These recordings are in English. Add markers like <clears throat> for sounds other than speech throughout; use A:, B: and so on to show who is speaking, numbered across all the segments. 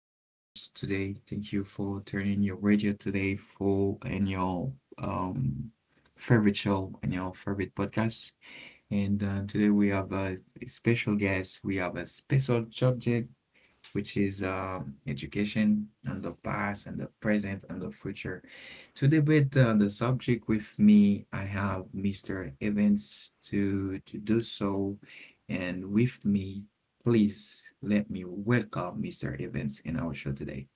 A: joining us today. Thank you for turning your radio today for and your um favorite show and your favorite podcast. And today we have a special guest. We have a special subject which is education and the past and the present and the future. To debate the subject with me, I have Mr. Evans to do so. And with me, please let me welcome Mr. Evans in our show today.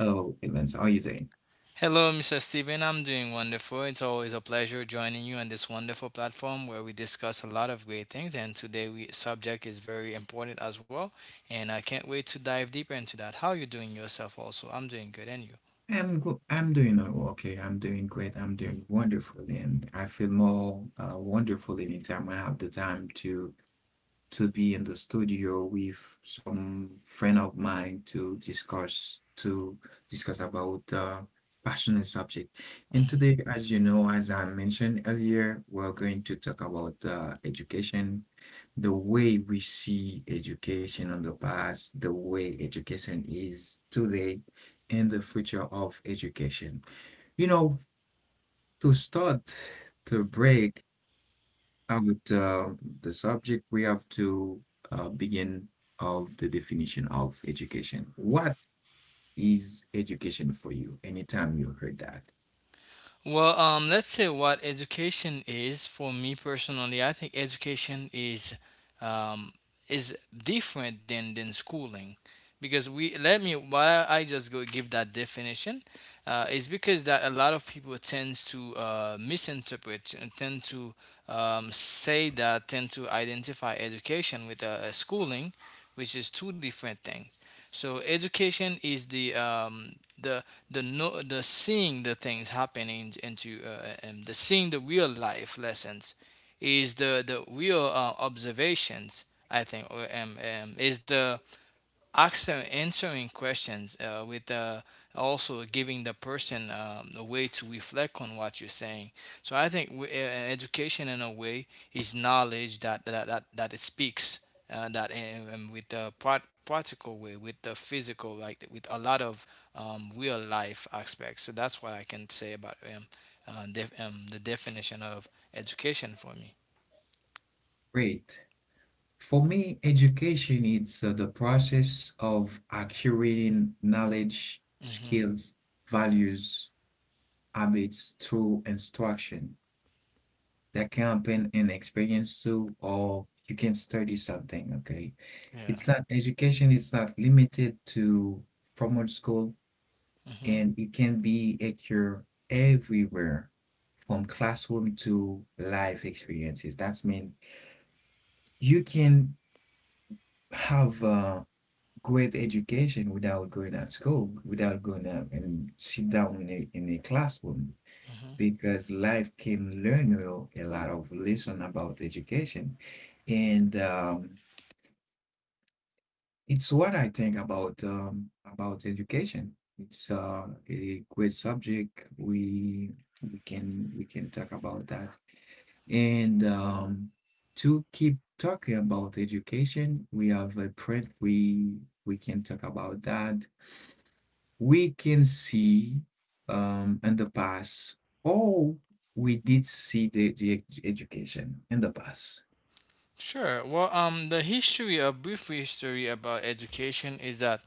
A: Hello, Evans. How are you doing?
B: Hello, Mr. Steven. I'm doing wonderful. It's always a pleasure joining you on this wonderful platform where we discuss a lot of great things. And today, we subject is very important as well. And I can't wait to dive deeper into that. How are you doing yourself? Also, I'm doing good, and you?
A: I'm doing okay. I'm doing great. I'm doing wonderful, and I feel more wonderful anytime I have the time to be in the studio with some friend of mine to discuss about passionate subject. And
B: Mm-hmm.
A: today, as you know, as I mentioned earlier, we're going to talk about education, the way we see education on the past, the way education is today, and the future of education. You know, to start to break with the subject, we have to begin of the definition of education. What is education for you? Anytime you heard that.
B: Well, let's say what education is for me personally. I think education um, is different than schooling because we let me why I just go give that definition is because that a lot of people tend to misinterpret and tend to say that tend to identify education with schooling, which is two different things. So education is the the no, the seeing the things happening into and the seeing the real life lessons is the real observations. I think or, is the Accent answering questions with also giving the person a way to reflect on what you're saying. So I think education in a way is knowledge that it speaks that with the practical way, with the physical, like with a lot of real life aspects. So that's what I can say about the definition of education for me.
A: Great. For me, education is the process of accumulating knowledge,
B: Hmm.
A: skills, values, habits through instruction. That can happen in experience too, or you can study something, okay?
B: Yeah.
A: It's not education, it's not limited to formal school,
B: Hmm.
A: and it can be a cure everywhere from classroom to life experiences. That's mean you can have a great education without going at school, without going out and sit down in a classroom because life can learn you a lot of lesson about education. And It's what I think about education. It's a great subject. We can talk about that. And to keep talking about education, we have a print. We can talk about that. We can see in the past, oh, we did see the education in the past.
B: Sure. Well, the history, a brief history about education is that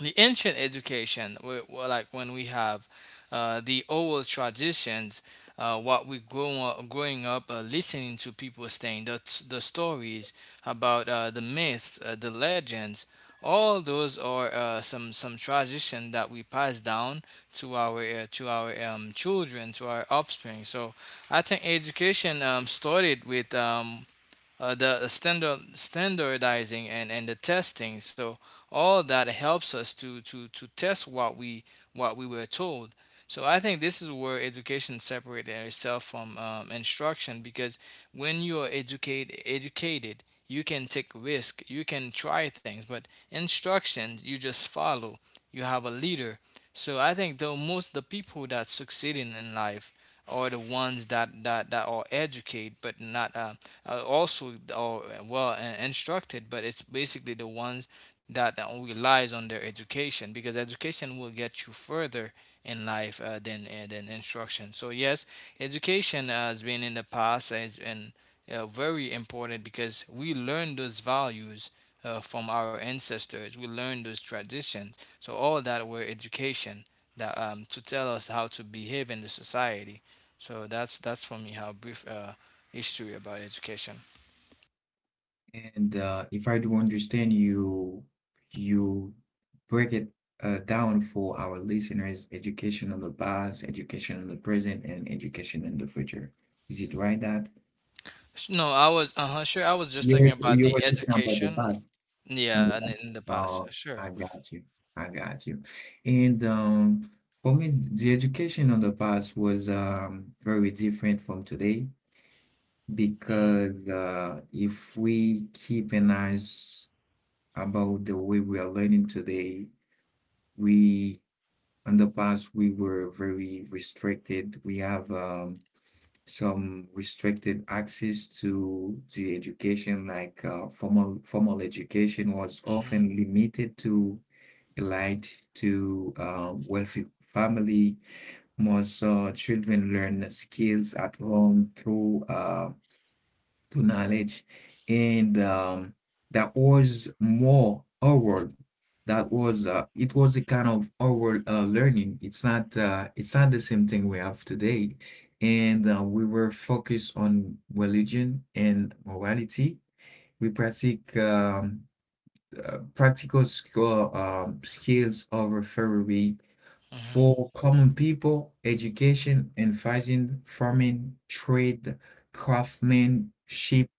B: the ancient education, like when we have the oral traditions, what we grow up, growing up listening to people saying, the stories about the myths, the legends, all those are some tradition that we pass down to our children to our offspring. So I think education started with the standardizing and the testing. So all of that helps us to to test what we were told. So I think this is where education separated itself from instruction because when you are educated you can take risk, you can try things, but instruction, you just follow, you have a leader. So I think though most the people that succeed in life are the ones that are educated but not also instructed, but it's basically the ones that relies on their education because education will get you further in life than instruction. So yes, education has been in the past has been very important because we learn those values from our ancestors. We learn those traditions. So all that were education that to tell us how to behave in the society. So that's for me how brief history about education.
A: And if I do understand you, you break it down for our listeners, education in the past, education in the present, and education in the future. Is it right that
B: No, I was uh huh sure. I was just talking about
A: you were
B: the
A: talking about the
B: education.
A: past on
B: Yeah,
A: the
B: and in
A: past?
B: the past,
A: Oh,
B: sure.
A: I got you. I got you. And for me, the education on the past was very different from today
B: Hmm.
A: because if we keep an eyes about the way we are learning today. We, in the past, we were very restricted. We have some restricted access to the education, like formal education was
B: Hmm.
A: often limited to elite, to wealthy family. Most children learn skills at home through to knowledge and that was more outward, that was it was a kind of outward learning. It's not it's not the same thing we have today, and we were focused on religion and morality. We practice practical skill, skills of referee
B: Hmm.
A: for common people, education and fighting, farming, trade, craftsmanship.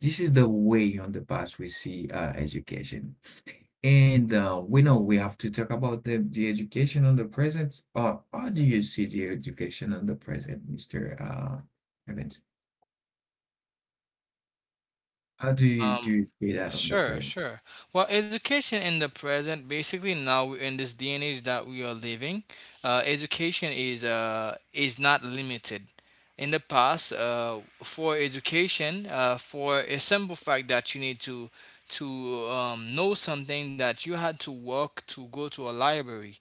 A: This is the way on the past we see education. And we know we have to talk about the education on the present. Or how do you see the education on the present, Mr. Evans? How do
B: Um,
A: you see that on the
B: sure,
A: present?
B: sure. Well, education in the present, basically now we're in this day and age that we are living, education is not limited. In the past, for education, for a simple fact that you need to know something that you had to work to go to a library.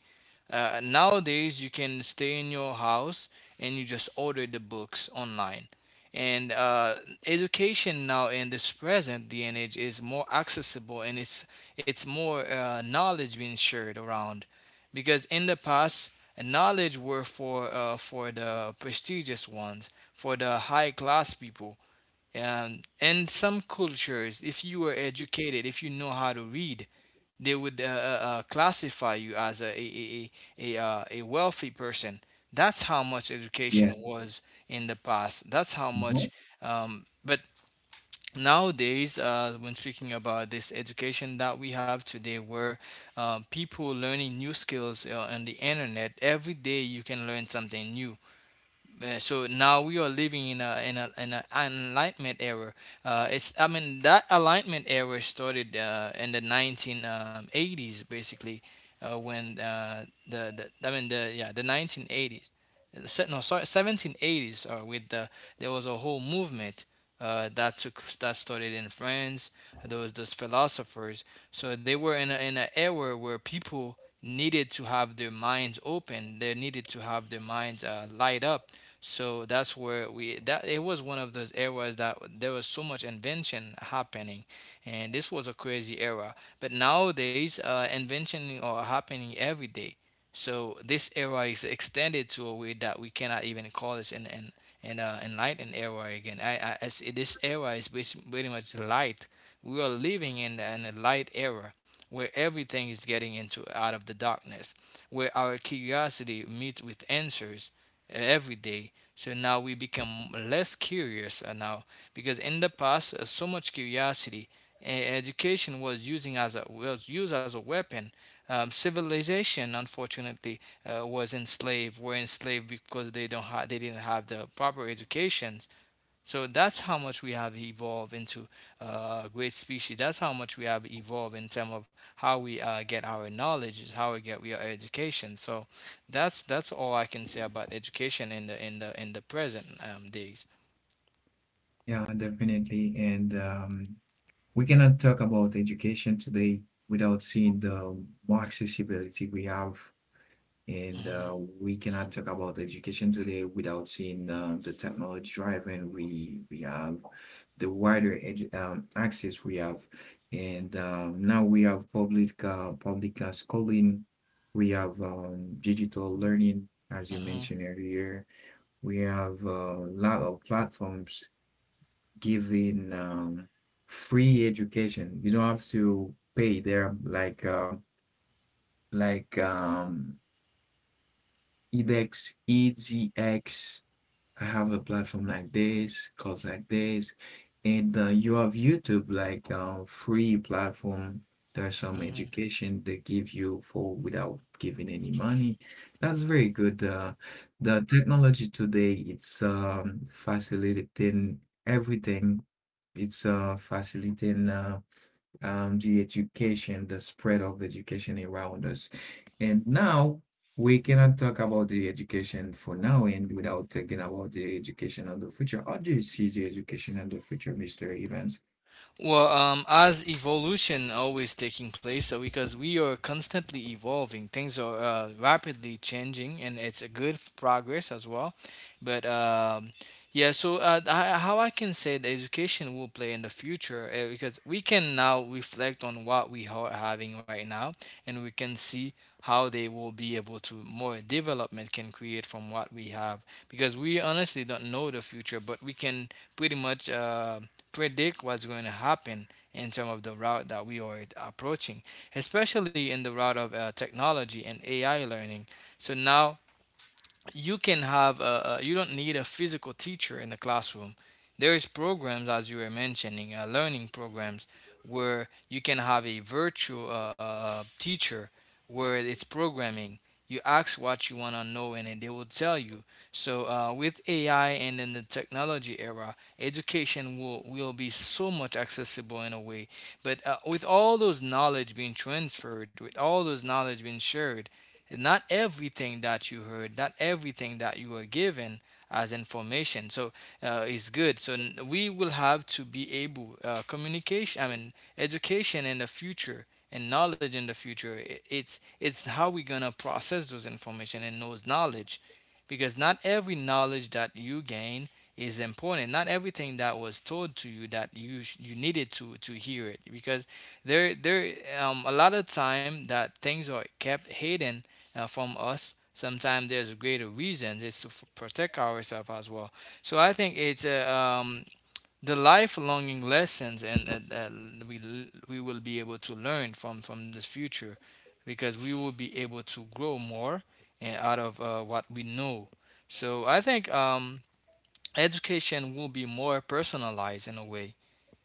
B: Nowadays, you can stay in your house and you just order the books online. And education now in this present day and age is more accessible, and it's more knowledge being shared around, because in the past knowledge were for the prestigious ones, for the high class people, and some cultures, if you are educated, if you know how to read, they would classify you as a wealthy person. That's how much education
A: Yes.
B: was in the past. That's how
A: Mhm.
B: much. But nowadays, when speaking about this education that we have today, where people learning new skills on the internet every day, you can learn something new, so now we are living in a enlightenment era. It's I mean that enlightenment era started in the 1980s basically when the I mean the yeah the 1980s. No sorry, 1780s or with the there was a whole movement that took that started in France. There was those philosophers, so they were in a, in an era where people needed to have their minds open. They needed to have their minds light up, so that's where we that it was one of those eras that there was so much invention happening, and this was a crazy era. But nowadays, invention are happening every day. So this era is extended to a way that we cannot even call this an enlightened era again. I as this era is pretty much light. We are living in an, a light era where everything is getting into out of the darkness, where our curiosity meets with answers every day, so now we become less curious now because in the past so much curiosity education was using as a was used as a weapon. Civilization, unfortunately, was enslaved. Were enslaved because they don't ha- they didn't have the proper education. So that's how much we have evolved into a great species. That's how much we have evolved in terms of how we get our knowledge, how we get our education. So that's all I can say about education in the present days.
A: Yeah, definitely. And we cannot talk about education today without seeing the more accessibility we have. And
B: Hmm.
A: we cannot talk about education today without seeing the technology driving we have, the wider access we have, and now we have public schooling, we have digital learning, as you mentioned earlier. We have a lot of platforms giving free education. You don't have to pay. They're like like um, edX, EDX, I have a platform like this, calls like this, and you have YouTube like free platform. There's some
B: Hmm.
A: education they give you for without giving any money. That's very good. The technology today, it's facilitating everything. It's facilitating the education, the spread of education around us. And now we cannot talk about the education for now and without talking about the education of the future. How do you see the education of the future, Mr. Evans?
B: Well, as evolution always taking place, so because we are constantly evolving, things are rapidly changing, and it's a good progress as well. But yeah, so I, how I can say the education will play in the future because we can now reflect on what we are having right now, and we can see how they will be able to more development can create from what we have because we honestly don't know the future, but we can pretty much. Predict what's going to happen in terms of the route that we are approaching, especially in the route of technology and AI learning. So now you can have you don't need a physical teacher in the classroom, there is programs as you were mentioning learning programs where you can have a virtual teacher where it's programming, you ask what you want to know and then they will tell you. So with ai and in the technology era education will be so much accessible in a way, but with all those knowledge being transferred, with all those knowledge being shared, not everything that you heard, not everything that you were given as information. So is good. So we will have to be able communication. I mean, education in the future and knowledge in the future. It's how we gonna process those information and those knowledge, because not every knowledge that you gain is important. Not everything that was told to you that you you needed to hear it because there a lot of time that things are kept hidden from us. Sometimes there's a greater reason. It's to protect ourselves as well. So I think it's um, the lifelonging lessons, and that we we will be able to learn from this future, because we will be able to grow more and out of what we know. So I think education will be more personalized in a way,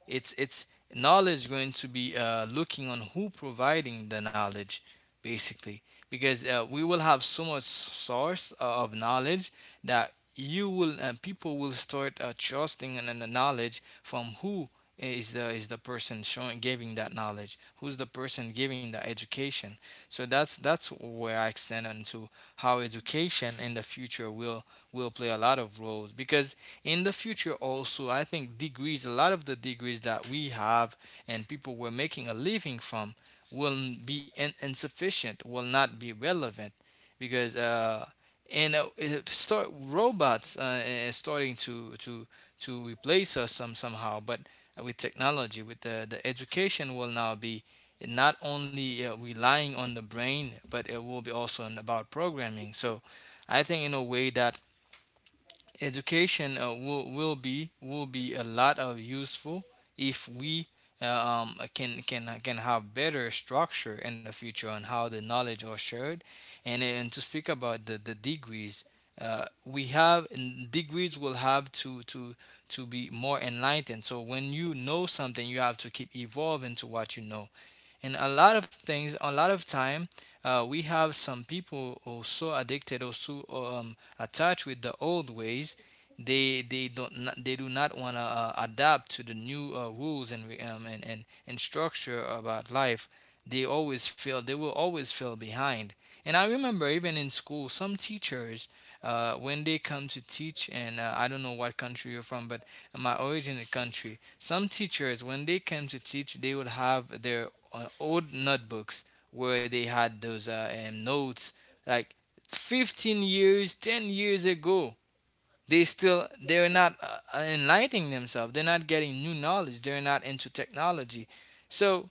B: it's knowledge going to be looking on who providing the knowledge, basically, because we will have so much source of knowledge that you will people will start trusting in the knowledge from who is the person showing giving that knowledge, who's the person giving the education. So that's where I extend onto how education in the future will play a lot of roles, because in the future also I think degrees, a lot of the degrees that we have and people were making a living from, will be insufficient, will not be relevant, because and start robots, is starting to replace us some somehow. But with technology, with the education will now be not only relying on the brain, but it will be also on about programming. So I think in a way that education, will be a lot of useful if we can have better structure in the future on how the knowledge are shared. And to speak about the degrees, we have degrees will have to be more enlightened. So when you know something, you have to keep evolving to what you know. And a lot of things, a lot of time, we have some people also addicted, also attached with the old ways. They don't not, they do not want to adapt to the new rules and structure about life. They always feel, they will always feel behind. And I remember even in school some teachers, when they come to teach, and I don't know what country you're from, but my origin country, some teachers, when they came to teach, they would have their old notebooks where they had those notes, like 15 years, 10 years ago. They still, they're not enlightening themselves, they're not getting new knowledge, they're not into technology. So,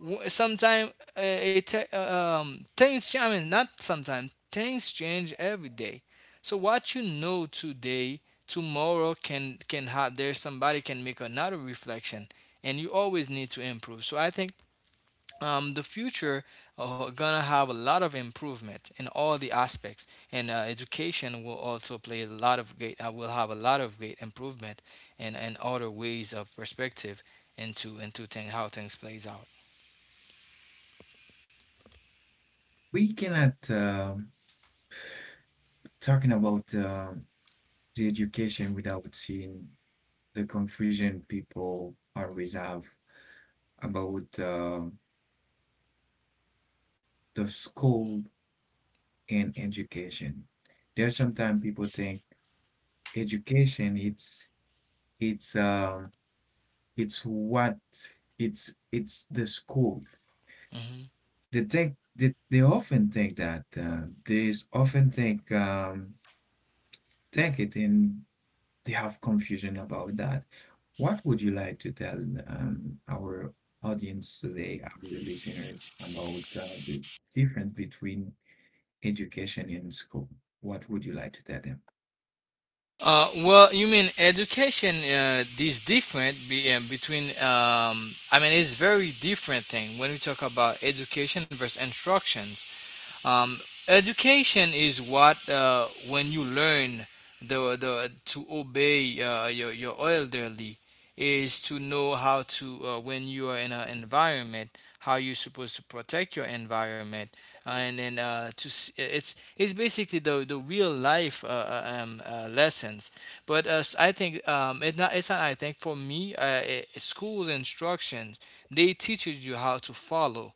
B: sometimes, things change. I mean, not sometimes, things change every day. So what you know today, tomorrow can have there, somebody can make another reflection, and you always need to improve. So I think, the future are gonna have a lot of improvement in all the aspects, and education will also play a lot of great. Will have a lot of great improvement and other ways of perspective into thing, how things plays out.
A: We cannot talking about the education without seeing the confusion people always have about the school and education. There's sometimes people think education it's um it's what it's the school.
B: Hmm.
A: They often think that often think it and they have confusion about that. What would you like to tell our audience today, our listeners, about the difference between education and school? What would you like to tell them?
B: Well, you mean education, is different between. I mean, it's very different thing when we talk about education versus instructions. Um, Education is what, when you learn the to obey your elderly, is to know how to, when you are in an environment, how you're supposed to protect your environment, and then, it's basically the real life, lessons. But, I think, it's not I think for me, schools, instructions, they teaches you how to follow,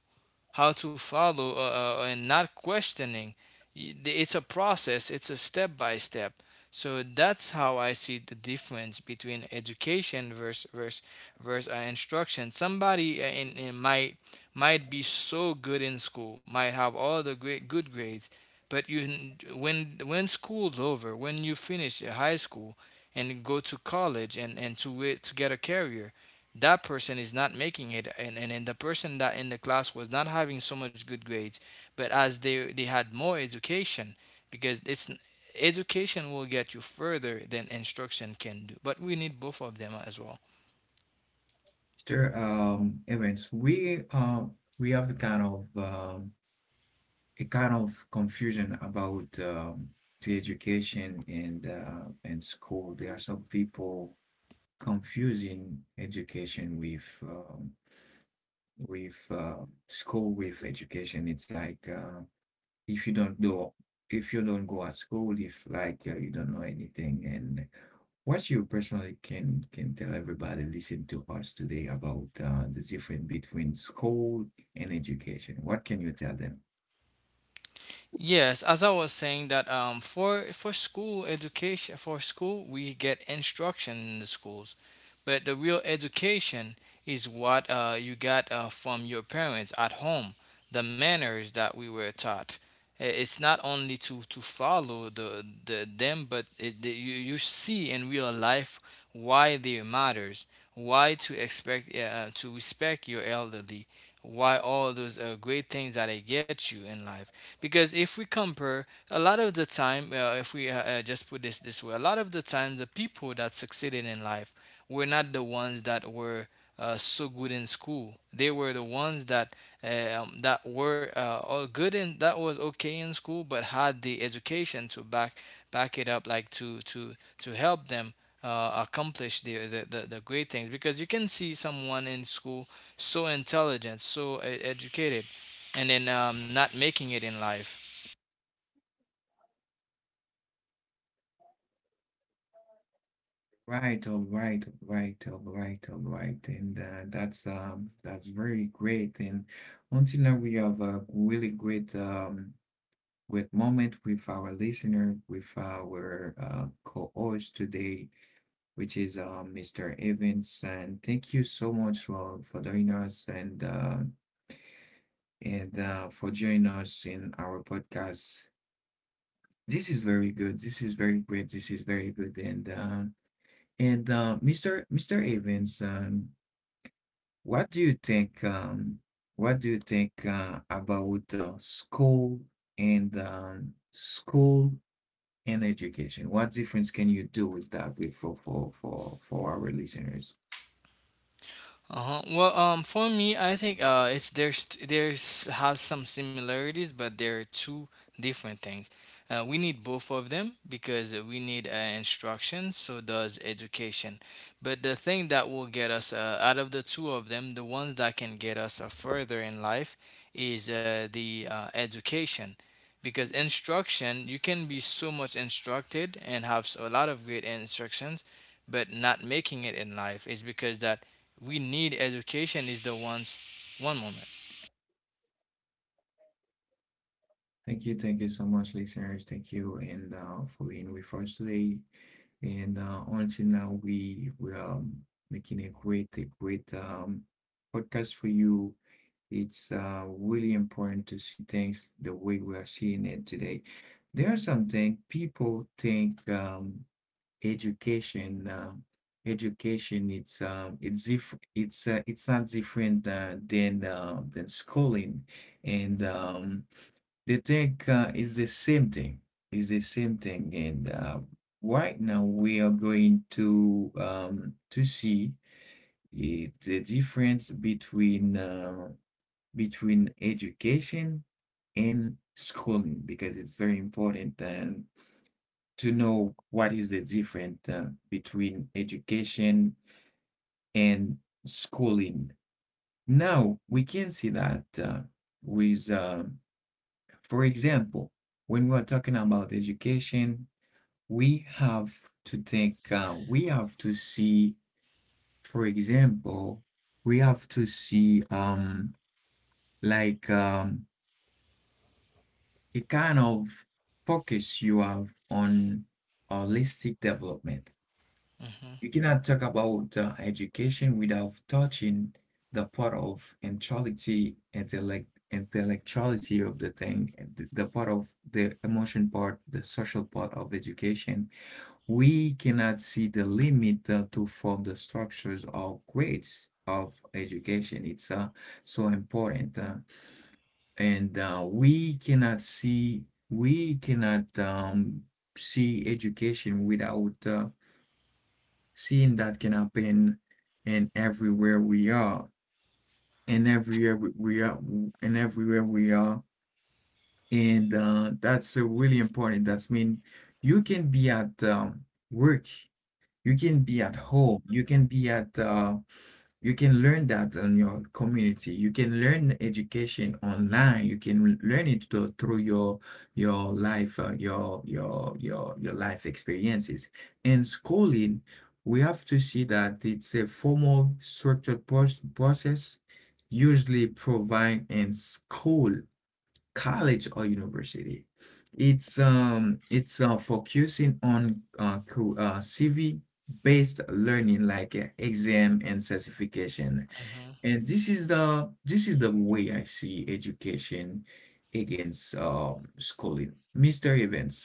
B: and not questioning. Y- It's a process, it's a step by step. So that's how I see the difference between education, versus instruction. Somebody, in might be so good in school, might have all the great good grades, but when school's over, when you finish your high school and go to college, and to wait to get a career, that person is not making it, and the person that in the class was not having so much good grades, but as they had more education, because it's, education will get you further than instruction can do, but we need both of them as well.
A: Sure. Evans, we have kind of a kind of confusion about the education and school. There are some people confusing education with school with education. It's like if you don't do if you don't go at school, if like you don't know anything. And what you personally can tell everybody listen to us today about the difference between school and education. What can you tell them?
B: Yes, as I was saying that, for school education, for school we get instruction in the schools, but the real education is what, you got from your parents at home, the manners that we were taught. It's not only to follow the them, but you see in real life why they matters, why to expect, to respect your elderly, why all those great things that they get you in life. Because if we compare a lot of the time, if we, just put this way, a lot of the time the people that succeeded in life were not the ones that were, so good in school. They were the ones that, that were, all good and that was okay in school but had the education to back it up, like to help them, accomplish the great things. Because you can see someone in school so intelligent, so educated, and then not making it in life.
A: Right, all right, all right, all right, all right, and that's very great. And until now, we have a really great great moment with our listener, with our co-host today, which is Mr. Evans. And thank you so much for joining us and for joining us in our podcast. This is very good. This is very great. This is very good. And Mr. Evans. What do you think, um, what do you think about school and education? What difference can you do with that with for our listeners?
B: Uh-huh. Well, for me, I think, it's there's have some similarities, but they're two different things. We need both of them, because we need instruction, so does education. But the thing that will get us, out of the two of them, the ones that can get us, further in life is the education. Because instruction, you can be so much instructed and have, a lot of great instructions, but not making it in life is because that we need education is the ones, one moment.
A: Thank you so much, listeners. Thank you, and for being with us today. And until now, we are making a great podcast for you. It's really important to see things the way we are seeing it today. There are some things people think education um education it's not different than schooling, and they think it's the same thing. It's the same thing, and right now we are going to see it, the difference between education and schooling because it's very important to know what is the difference between education and schooling. Now we can see that with, um, for example, when we're talking about education, we have to think, we have to see, for example, we have to see like um, you kind of focus you have on holistic development.
B: Hmm.
A: You cannot talk about education without touching the part of intellectuality, intellectuality of the thing, the part of the emotion part, the social part of education. We cannot see the limit to form the structures or grades of education. It's so important. And we cannot see, we cannot see education without seeing that can happen in everywhere we are and everywhere we are and everywhere we are and that's really important. That's mean you can be at work, you can be at home, you can be at you can learn that on your community. You can learn education online. You can learn through your life, your life experiences. And schooling, we have to see that it's a formal, structured process, usually provided in school, college or university. It's focusing on CV based learning like exam and certification.
B: Hmm.
A: And this is the way I see education against schooling. Mr. Evans,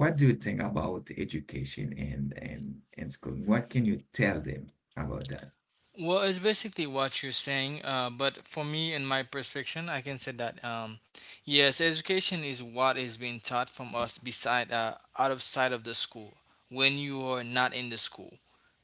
A: what do you think about education and schooling? What can you tell them about that?
B: Well, it's basically what you're saying, but for me, in my perspective, I can say that, yes, education is what is being taught from us beside, out of sight of the school, when you are not in the school,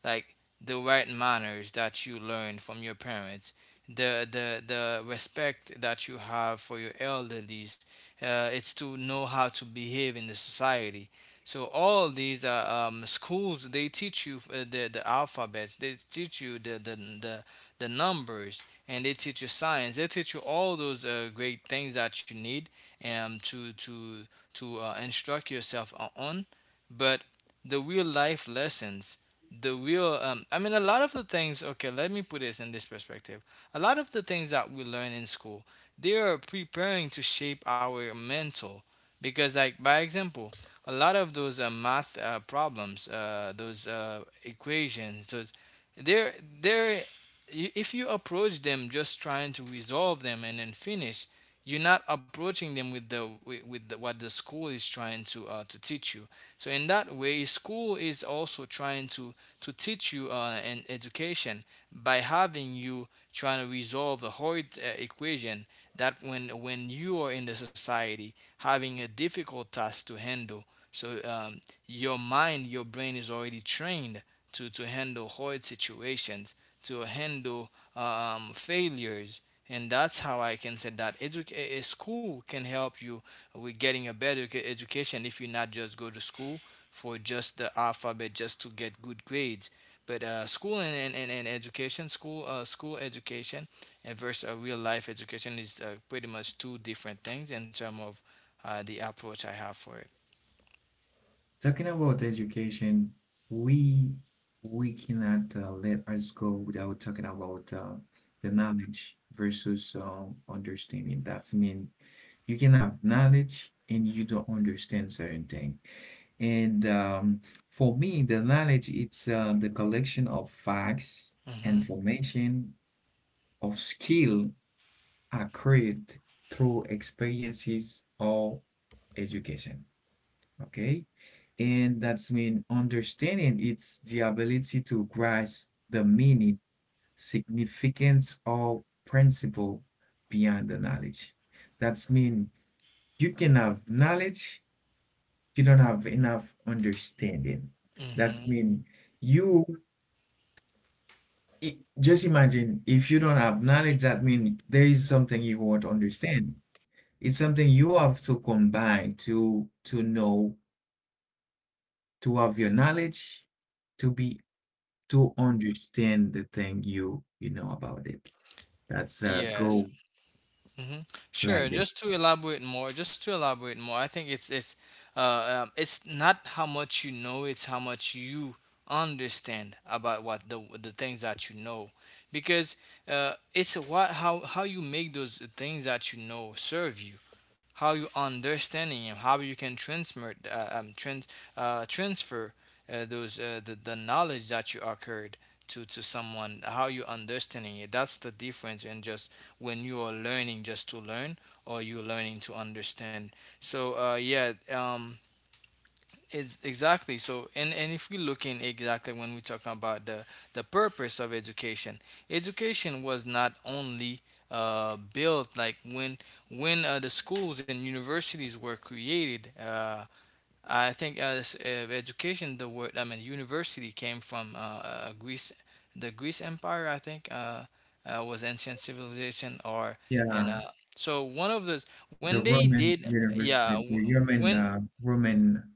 B: like the right manners that you learn from your parents, the respect that you have for your elderlies, it's to know how to behave in the society. So all these, schools, they teach you, the alphabets, they teach you the the numbers, and they teach you science. They teach you all those great things that you need, to, instruct yourself on. But the real life lessons, the real, I mean, a lot of the things. Okay, let me put this in this perspective. A lot of the things that we learn in school, they are preparing to shape our mental, because like by example, a lot of those, math, problems, those, equations, those, they're they're if you approach them just trying to resolve them and then finish, you're not approaching them with what the school is trying to teach you. So in that way, school is also trying to teach you an education by having you trying to resolve a hard equation, that when you are in the society having a difficult task to handle. So, your mind, your brain is already trained to handle hard situations, to handle, failures. And that's how I can say that, a school can help you with getting a better, education, if you not just go to school for just the alphabet, just to get good grades. But, school and education, school school education and versus a real life education is, pretty much two different things in terms of, the approach I have for it.
A: Talking about education, we we cannot let us go without talking about the knowledge versus understanding. That's mean you can have knowledge and you don't understand certain thing. And for me, the knowledge it's the collection of facts,
B: Mhm.
A: information, of skill accrued through experiences or education. Okay. And that's mean understanding it's the ability to grasp the meaning, significance, or principle beyond the knowledge. That's mean you can have knowledge, you don't have enough understanding. That's
B: Hmm.
A: mean you just imagine if you don't have knowledge, that mean there is something you won't understand. It's something you have to combine to know, to have your knowledge, to be to understand the thing you know about it. That's a
B: Yes.
A: go
B: Hmm. Sure.
A: like this.
B: Just to elaborate more, I think it's not how much you know, it's how much you understand about what the things that you know. Because, it's what, how you make those things that you know serve you, how you understanding them, how you can transmit, transfer, those, the knowledge that you acquired to someone, how you understanding it. That's the difference, in just, when you are learning just to learn, or you're learning to understand. So, yeah, it's exactly so. And if we look in exactly when we talk about the purpose of education, education was not only, built, like when the schools and universities were created. I think, this, education, the word, I mean, university, came from, Greece, the Greece Empire, I think, was ancient civilization or, and,
A: Yeah,
B: so one of those, when
A: the
B: they
A: Roman
B: did,
A: universe,
B: yeah,
A: the
B: wh-
A: Roman
B: when,
A: Roman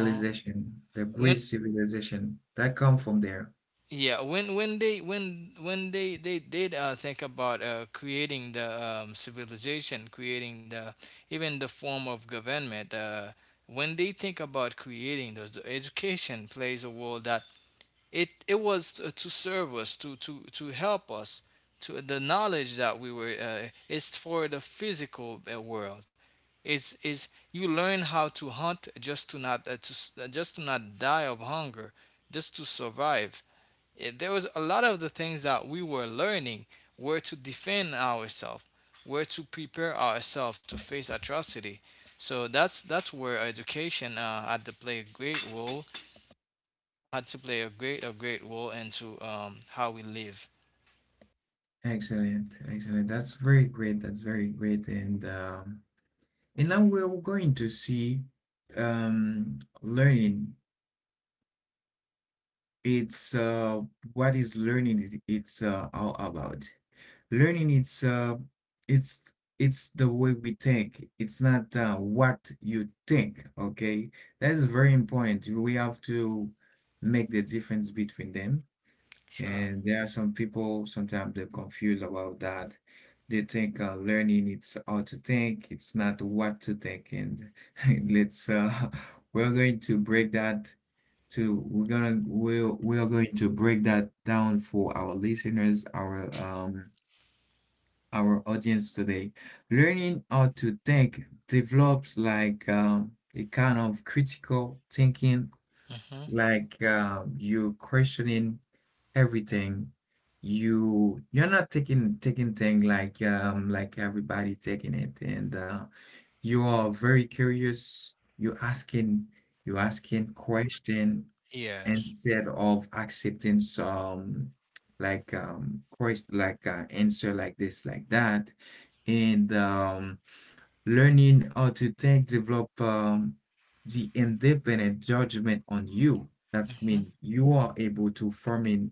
B: uh,
A: the
B: when,
A: Greek civilization that come from there.
B: they did, think about, creating the, civilization, creating the, even the form of government, when they think about creating those, the education plays a role that it was, to serve us, to help us to the knowledge that we were, it's for the physical, world, is you learn how to hunt, just to not, just to not die of hunger, just to survive. There was a lot of the things that we were learning, were to defend ourselves, were to prepare ourselves to face atrocity, so that's where education, had to play a great role, had to play a great role into, how we live.
A: Excellent, excellent. That's very great. That's very great. And and now we're going to see learning. It's what is learning is it's all about. Learning it's it's the way we think. It's not what you think. Okay, that is very important. We have to make the difference between them.
B: Sure.
A: And there are some people sometimes they're confused about that. They think learning it's how to think. It's not what to think. And <laughs> let's <laughs> we're going to break that we're gonna we'll we are going to break that down for our listeners, our audience today. Learning how to think develops like a kind of critical thinking,
B: Hmm.
A: like you're questioning everything. You're not taking thing like everybody taking it, and you are very curious. you asking you asking question
B: Yes.
A: instead of accepting some like quest like answer like this like that, and learning how to think develop the independent judgment on you, that's mean you are able to form in,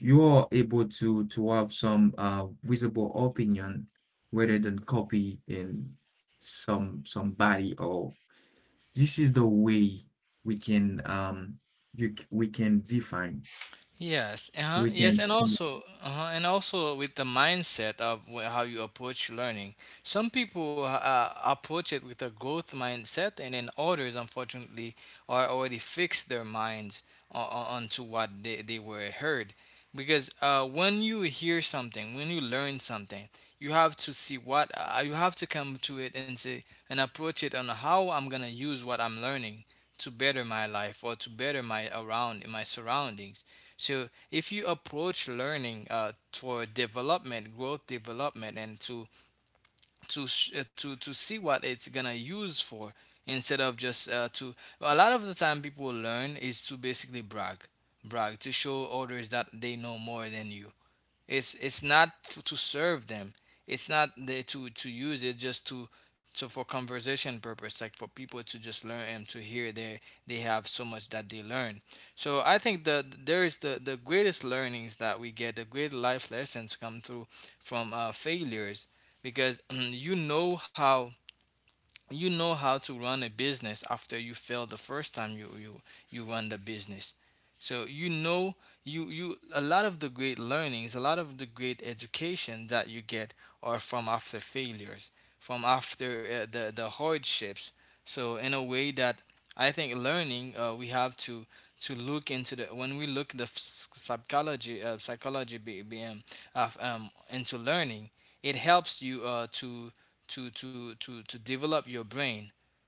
A: you are able to have some visible opinion rather than copy in some somebody or this is the way we can we can define,
B: Yes, uh-huh.
A: we
B: Yes,
A: can
B: and
A: see.
B: also. Uh-huh. And also with the mindset of, how you approach learning. Some people, approach it with a growth mindset, and then others, unfortunately, are already fixed their minds, onto what they were heard. Because when you hear something, when you learn something, you have to see what you have to come to it and say and approach it on how I'm gonna use what I'm learning to better my life or to better my around my surroundings. So if you approach learning for development, growth development, and to sh- to see what it's gonna use for, instead of just to, a lot of the time people learn is to basically brag, brag to show others that they know more than you. It's not to serve them. It's not there to use it just to for conversation purpose, like for people to just learn and to hear they have so much that they learn. So I think there is the greatest learnings that we get, the great life lessons come through from failures because <clears throat> you know how to run a business after you fail the first time you run the business. So you know, you a lot of the great learnings, a lot of the great education that you get are from after failures, from after the hardships. So in a way that I think learning, we have to look into the, when we look the psychology, psychology B M of, into learning, it helps you to to develop your brain.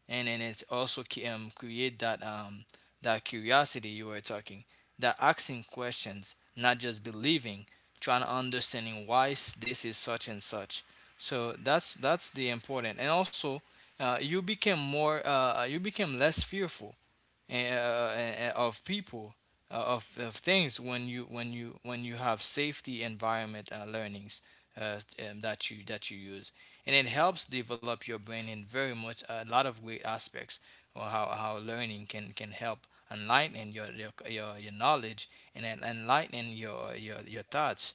B: And it also create that that curiosity you were talking, that asking questions, not just believing, trying to understanding why this is such and such. So that's the important. And also you became more, you became less fearful and, of people, of things when you have safety environment learnings uh, that you use. And it helps develop your brain in very much a lot of great aspects, or how learning can help enlighten your knowledge, and then enlighten your thoughts.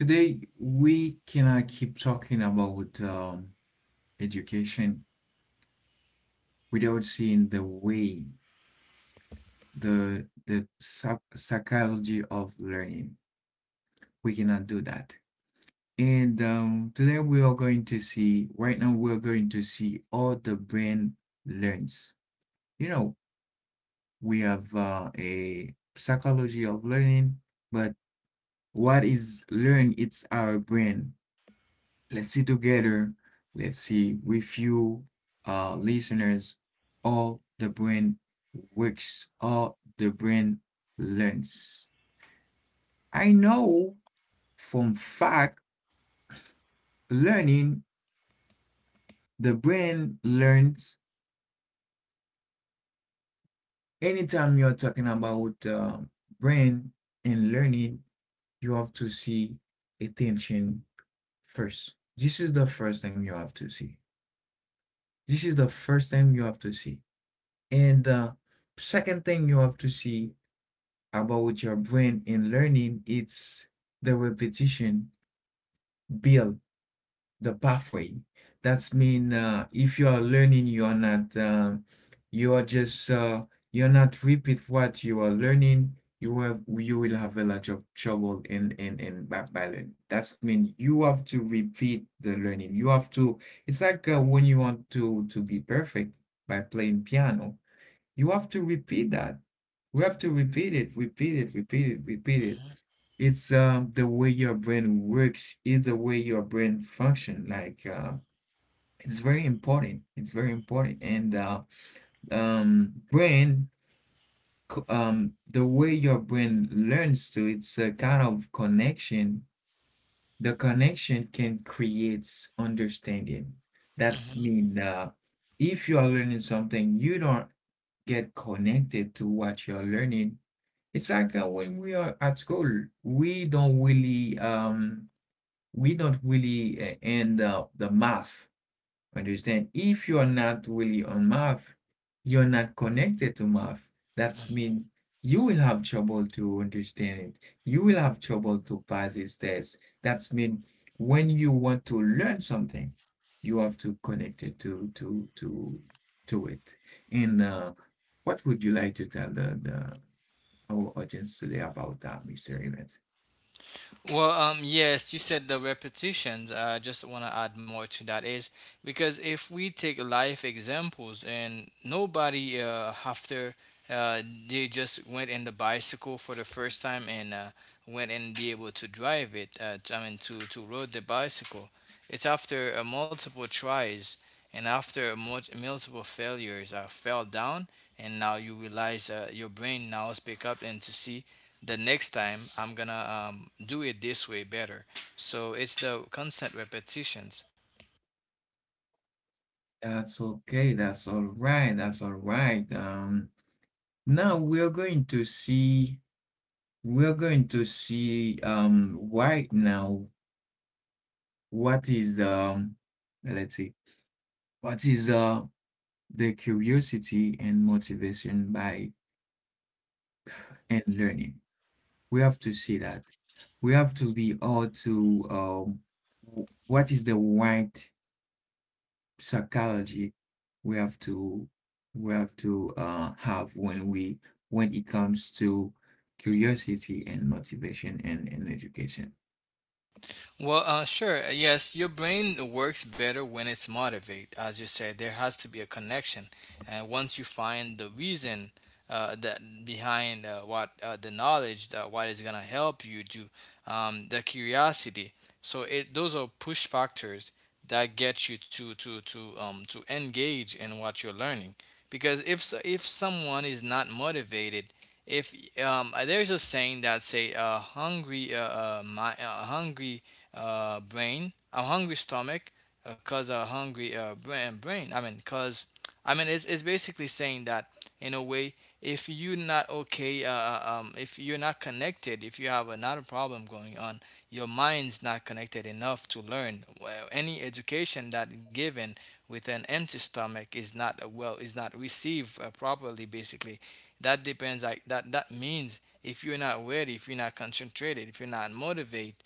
A: Today we cannot keep talking about education without seeing the way the psychology of learning. We cannot do that. And today we are going to see, right now we are going to see how the brain learns. You know, we have a psychology of learning, but what is learn? It's our brain. Let's see together. Let's see with you, listeners, all the brain works, all the brain learns. I know from fact learning, the brain learns. Anytime you're talking about brain and learning, you have to see attention first. This is the first thing you have to see. This is the first thing you have to see. And the second thing you have to see about your brain in learning, it's the repetition build the pathway. That's mean if you are learning, you are just you're not repeat what you are learning. You will have a lot of trouble in by learning. That's mean you have to repeat the learning. You have to. It's like when you want to be perfect by playing piano, you have to repeat that. We have to repeat it, repeat it, repeat it, repeat it.
B: hmm
A: It's the way your brain works. It's the way your brain function. Like it's very important. It's very important. Um, brain, the way your brain learns to, it's a kind of connection. The connection can create understanding. That's mean if you are learning something, you don't get connected to what you're learning. It's like when we are at school, we don't really um we don't really end up the math. Understand? If you are not really on math, you're not connected to math. That's
B: hmm
A: mean you will have trouble to understand it. You will have trouble to pass this test. That's mean when you want to learn something, you have to connect it to to it. And what would you like to tell the our audience today about that mystery event.
B: Well, yes, you said the repetitions. I just want to add more to that is because if we take life examples, and nobody after uh, they just went in the bicycle for the first time and went and be able to drive it. I mean, to rode the bicycle. It's after multiple tries, and after multiple failures. I fell down, and now you realize your brain now is pick up and to see the next time I'm gonna do it this way better. So it's the constant repetitions.
A: That's okay. That's all right. That's all right. Now we're going to see, we're going to see right now what is let's see what is the curiosity and motivation by and learning. We have to see that. We have to be all to what is the right psychology we have to, we have to have when we, when it comes to curiosity and motivation and education.
B: Well, sure. Yes, your brain works better when it's motivated. As you said, there has to be a connection. And once you find the reason that behind what the knowledge that what is gonna help you do, the curiosity. So it, those are push factors that get you to engage in what you're learning. Because if so, if someone is not motivated, if there's a saying that say hungry, my hungry, brain, a hungry stomach, cause a hungry brain. Brain. I mean, cause, I mean, it's basically saying that in a way, if you're not okay, if you're not connected, if you have another problem going on, your mind's not connected enough to learn. Well, any education that given with an empty stomach is not, well, is not received properly. Basically, that depends. Like, that that means if you're not ready, if you're not concentrated, if you're not motivated,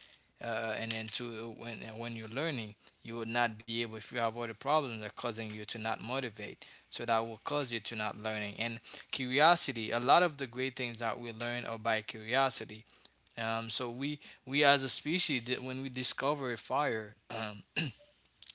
B: and then to when you're learning, you will not be able if you have other problems that are causing you to not motivate. So that will cause you to not learning. And curiosity, a lot of the great things that we learn are by curiosity. So we as a species, that when we discover a fire, <clears throat>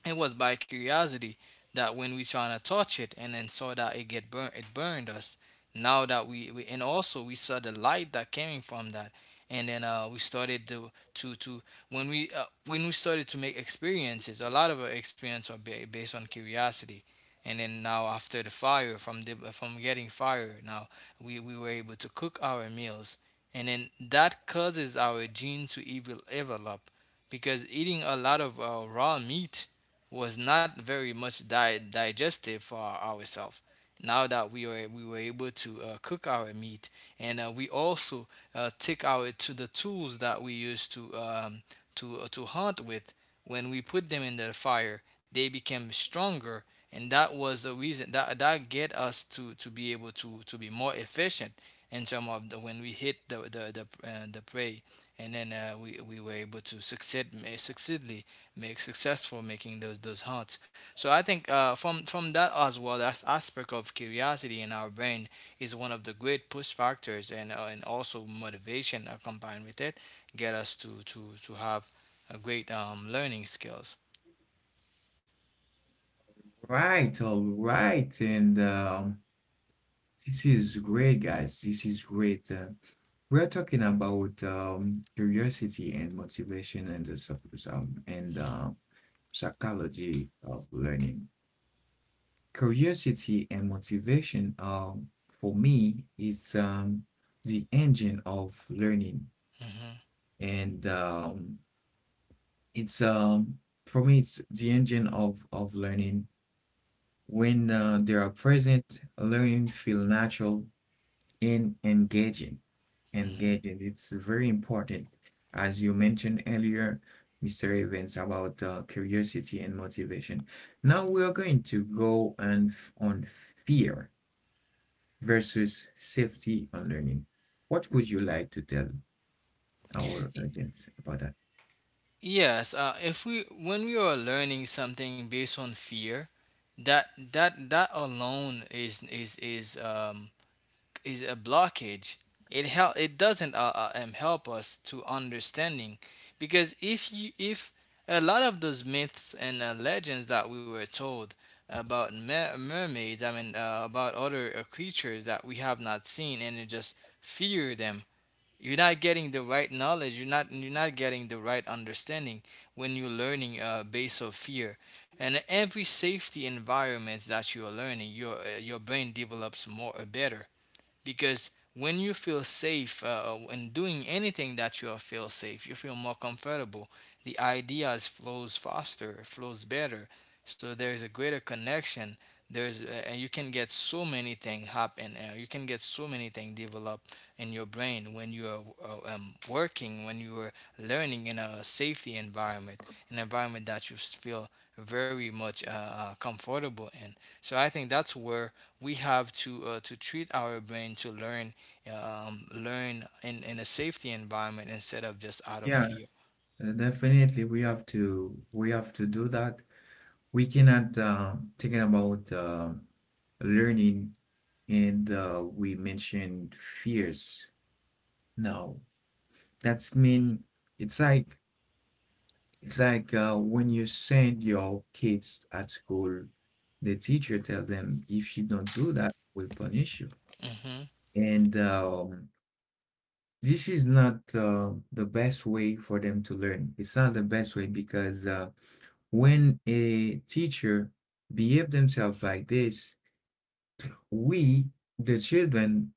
B: it was by curiosity that when we trying to touch it, and then saw that it get burnt, it burned us. Now that we, and also we saw the light that came from that, and then we started to when we started to make experiences. A lot of our experience are based on curiosity. And then now after the fire, from the from getting fire, now we were able to cook our meals, and then that causes our gene to evil develop, because eating a lot of raw meat was not very much digestive for ourselves. Now that we were able to cook our meat, and we also take our to the tools that we used to to hunt with. When we put them in the fire, they became stronger, and that was the reason that get us to be able to be more efficient in terms of the, when we hit the prey, and then we were able to succeed, succeedly, make successful making those hunts. So I think from that as well, that aspect of curiosity in our brain is one of the great push factors, and also motivation combined with it, get us to have a great learning skills.
A: Right, all right, and this is great, guys. This is great. We are talking about curiosity and motivation and um, and uh, psychology of learning. Curiosity and motivation, for me, it's the engine of learning,
B: hmm
A: and it's for me, it's the engine of learning. When they are present, learning feel natural and engaging.
B: hmm
A: Engaging. It's very important, as you mentioned earlier, Mr. Evans, about curiosity and motivation. Now we are going to go on on fear versus safety on learning. What would you like to tell our
B: Y-
A: audience about that?
B: Yes, if we, when we are learning something based on fear, that alone is a blockage. It help, it doesn't help us to understanding. Because if you, if a lot of those myths and legends that we were told about mermaids, I mean about other creatures that we have not seen, and you just fear them, you're not getting the right knowledge. You're not, you're not getting the right understanding when you're learning base of fear. And every safety environment that you are learning, your brain develops more better. Because when you feel safe, when doing anything that you feel safe, you feel more comfortable, the ideas flows faster, flows better. So there's a greater connection. There's and you can get so many things happen, you can get so many things developed in your brain when you are working, when you are learning in a safety environment, an environment that you feel very much comfortable in. So I think that's where we have to treat our brain to learn, learn in a safety environment instead of just out of
A: Yeah,
B: fear.
A: definitely. We have to, we have to do that. We cannot thinking about learning, and we mentioned fears. No, that's mean it's like, it's like when you send your kids at school, the teacher tell them if you don't do that, we'll punish you.
B: hmm hmm
A: And This is not the best way for them to learn. It's not the best way, because when a teacher behave themselves like this, we, the children,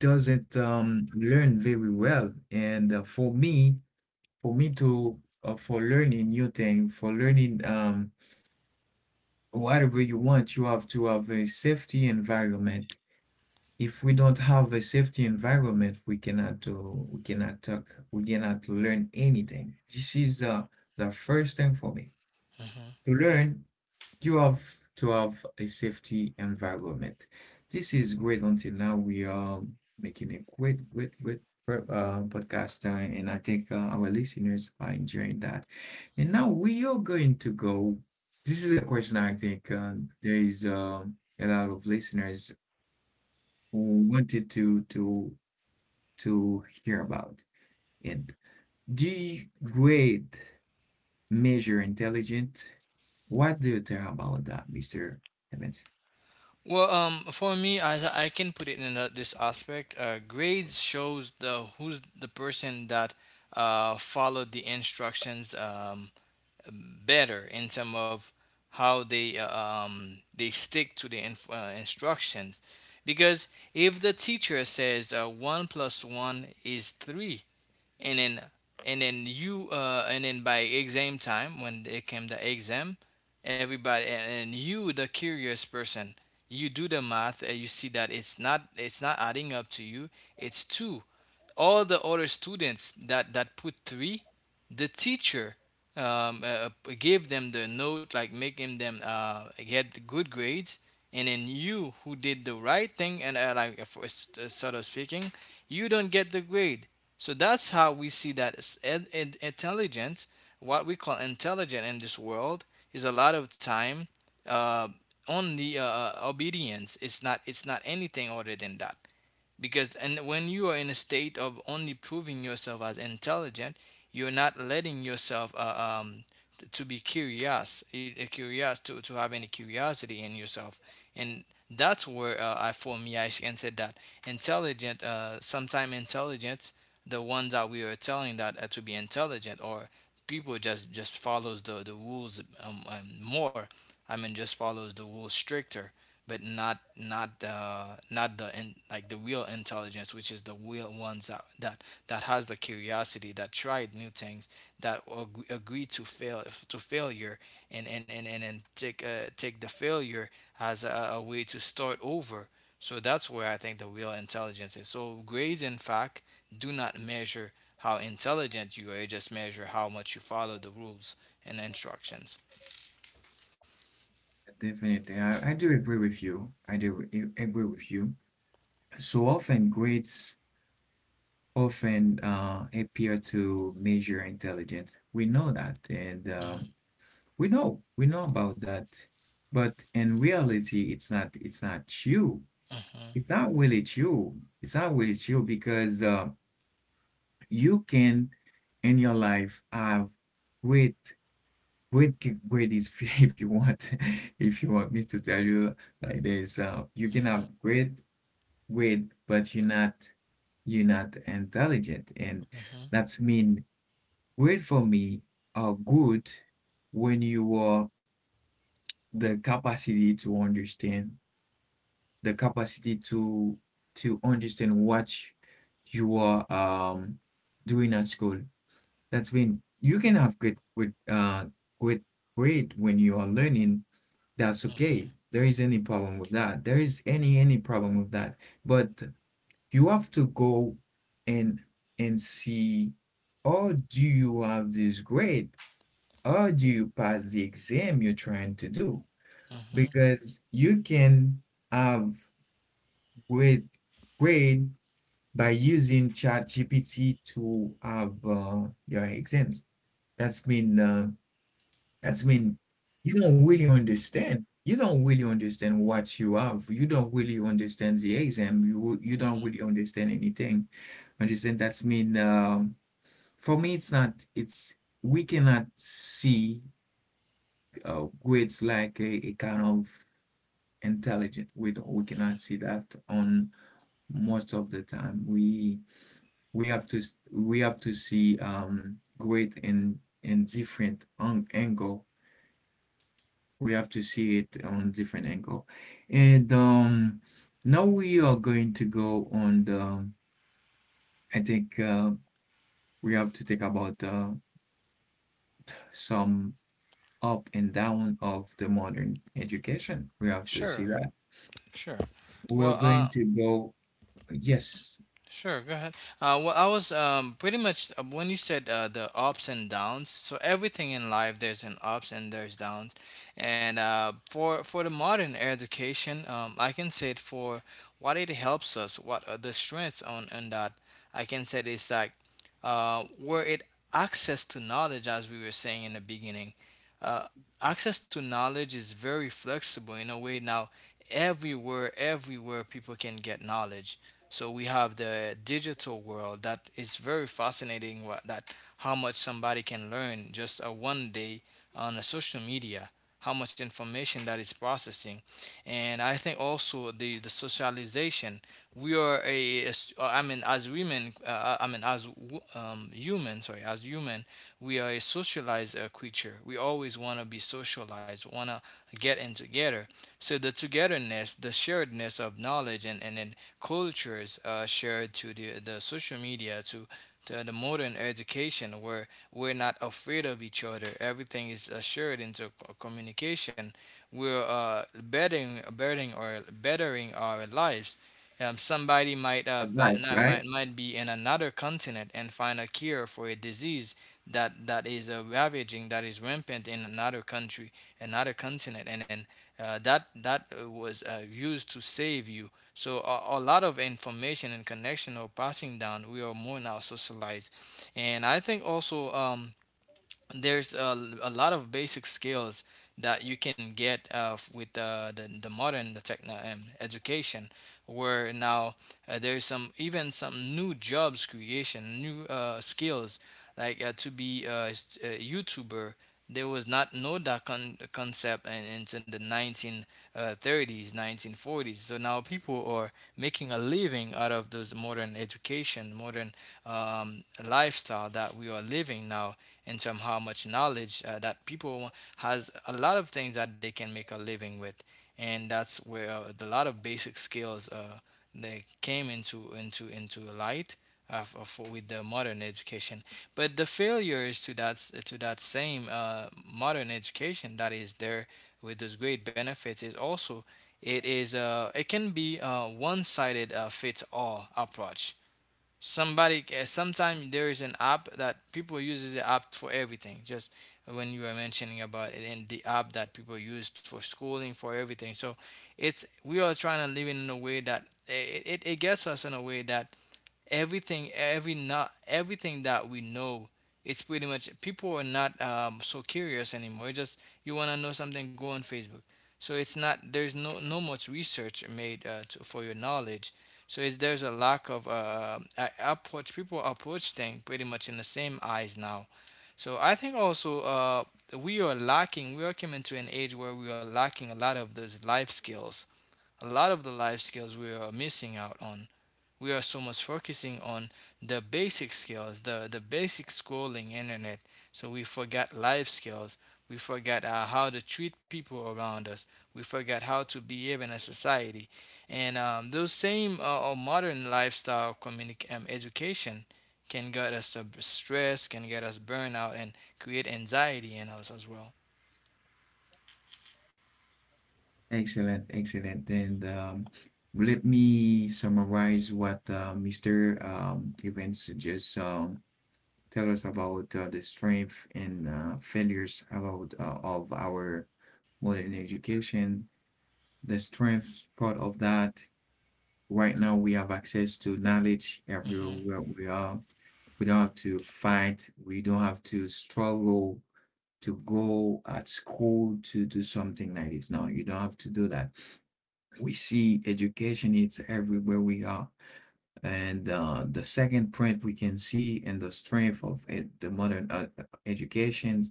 A: doesn't learn very well. And for me to for learning new thing, for learning whatever you want, you have to have a safety environment. If we don't have a safety environment, we cannot do, we cannot talk, we cannot learn anything. This is the first thing for me. To learn, you have to have a safety environment. This is great. Until now, we are making a great, great, great podcast, and I think our listeners are enjoying that. And now we are going to go. This is a question I think there is a lot of listeners who wanted to hear about it. Do you grade measure intelligent? What do you think about that, Mr. Evans?
B: Well, for me, I can put it in a, this aspect. Grades shows the who's the person that followed the instructions better in terms of how they stick to the instructions. Because if the teacher says one plus one is three, and then you and then by exam time, when it came the exam, everybody, and you the curious person, you do the math and you see that it's not adding up to you, it's two. All the other students that put three, the teacher um, uh, uh, gave them the note like, making them get good grades. And then you who did the right thing, and for, sort of speaking, you don't get the grade. So that's how we see that, intelligence, what we call intelligent in this world, is a lot of time uh, on the obedience. It's not. It's not anything other than that. Because, and when you are in a state of only proving yourself as intelligent, you're not letting yourself to be curious, curious to have any curiosity in yourself. And that's where I, for me, I can say that intelligent, sometime intelligence, the ones that we are telling that to be intelligent, or people just follows the rules, more. I mean, just follows the rules stricter, but not not the not the in, like the real intelligence, which is the real ones that has the curiosity, that tried new things, that agree to fail, to failure, and take take the failure as a way to start over. So that's where I think the real intelligence is. So grades, in fact, do not measure how intelligent you are. It just measure how much you follow the rules and instructions.
A: Definitely, I do agree with you. I do agree with you. So often grades often appear to measure intelligence. We know that, and
B: hmm
A: we know, we know about that. But in reality, it's not. It's not you.
B: hmm
A: It's not really you. It's not really you, because you can in your life have great, great, great <laughs> if you want <laughs> if you want me to tell you like this, you can
B: hmm
A: have great, great, but you're not, you're not intelligent. And that's mean great for me are good when you are the capacity to understand, the capacity to understand what you are doing at school. That's when you can have good with with grade when you are learning. That's
B: hmm
A: okay. There is any problem with that. There is any problem with that. But you have to go and and see, or do you have this grade, or do you pass the exam you're trying to do?
B: hmm
A: Because you can have grade, grade by using ChatGPT to have your exams. That's been uh, That's mean you don't really understand. You don't really understand what you have. You don't really understand the exam. You don't really understand anything. Understand? That's mean for me, it's not. It's, we cannot see grades like a kind of intelligent. We don't, we cannot see that on most of the time. We have to see grade in angle. We have to see it on different angle. And now we are going to go on the, I think we have to think about some up and down of the modern education. We have to see
B: Sure,
A: that.
B: sure.
A: We're
B: Well,
A: going to go, yes,
B: sure, go ahead. Well, I was pretty much when you said the ups and downs. So everything in life, there's an ups and there's downs. And for the modern education, I can say it for what it helps us, what are the strengths on that. I can say it's like where it access to knowledge, as we were saying in the beginning. Uh, access to knowledge is very flexible in a way now. Everywhere, people can get knowledge, so we have the digital world that is very fascinating. What that, how much somebody can learn just a 1 day on a social media. How much information that is processing, and I think also the socialization. We are a s- I mean as women I mean as w- human sorry as human we are a socialized creature. We always want to be socialized, want to get in together. So the togetherness, the sharedness of knowledge and cultures shared to the social media, to the modern education, where we're not afraid of each other. Everything is shared into communication. We're bettering our lives. Somebody might but
A: right,
B: not,
A: right?
B: might be in another continent and find a cure for a disease that is ravaging, that is rampant in another country, another continent. And then that was used to save you. So a lot of information and connection are passing down. We are more now socialized, and I think also there's a lot of basic skills that you can get with the modern, the techno education, where now there's some, even some new jobs creation, new skills, like to be a, a youtuber. There was not, no, that concept in, into the 1930s, 1940s, so now people are making a living out of those modern education, modern lifestyle that we are living now, in terms of how much knowledge that people has a lot of things that they can make a living with. And that's where the lot of basic skills they came into light for, with the modern education. But the failures to that, to that same modern education that is there with those great benefits, is also, it is it can be a one-sided fits all approach. Somebody, sometimes there is an app that people use the app for everything, just when you were mentioning about it, and the app that people use for schooling for everything. So it's, we are trying to live in a way that it gets us in a way that everything, every, not everything that we know, it's pretty much people are not so curious anymore. It's just you want to know something, go on Facebook. So it's not, there's no much research made to, for your knowledge. So it's, there's a lack of approach, people approach things pretty much in the same eyes now. So I think also we are lacking, we are coming to an age where we are lacking a lot of those life skills. A lot of the life skills we are missing out on. We are so much focusing on the basic skills, the basic scrolling internet. So we forgot life skills. We forgot how to treat people around us. We forgot how to behave in a society. And those same modern lifestyle, education can get us stress, can get us burnout, and create anxiety in us as well.
A: Excellent, excellent. And let me summarize what Mr. Evans just tell us about the strength and failures about of our modern education, the strengths part of that. Right now, we have access to knowledge everywhere
B: Mhm.
A: where we are. We don't have to fight. We don't have to struggle to go at school to do something like this. No, you don't have to do that. We see education, it's everywhere we are. And the second print we can see in the strength of the modern educations,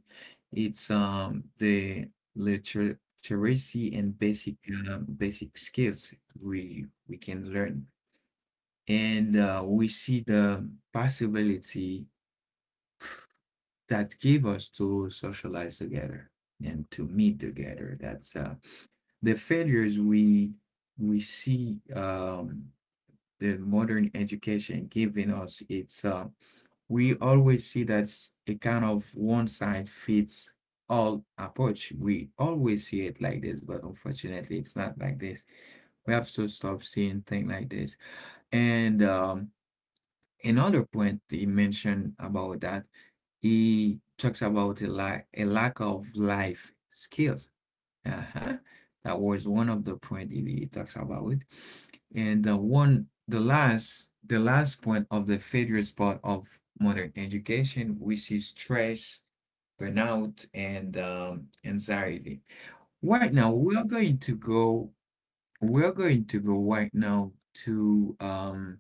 A: it's the literacy and basic basic skills we can learn. And we see the possibility that give us to socialize together and to meet together. That's the failures we see the modern education giving us. It's we always see that's a kind of one size fits all approach. We always see it like this, but unfortunately, it's not like this. We have to stop seeing things like this. And another point he mentioned about that, he talks about a lack, a lack of life skills. Uh-huh. That was one of the point it, it talks about. It. And the one, the last point of the failures part of modern education, which is stress, burnout, and anxiety. Right now, we are going to go. We are going to go right now to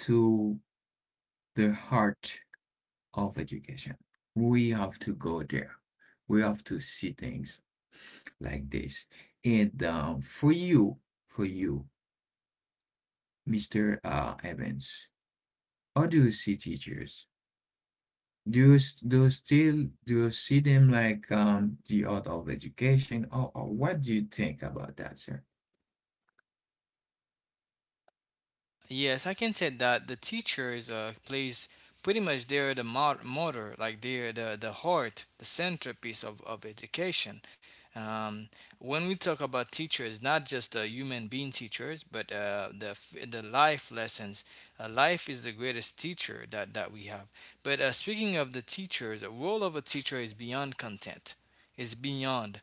A: to the heart of education. We have to go there. We have to see things like this. And For you, for you, Mr. Evans, how do you see teachers? Do you, do you still do you see them like the art of education, or what do you think about that, sir?
B: Yes, I can say that the teachers plays, pretty much they're the motor, like they're the heart, the centerpiece of education. Um, when we talk about teachers, not just the human being teachers, but the life lessons. Life is the greatest teacher that, that we have. But speaking of the teachers, the role of a teacher is beyond content. It's beyond.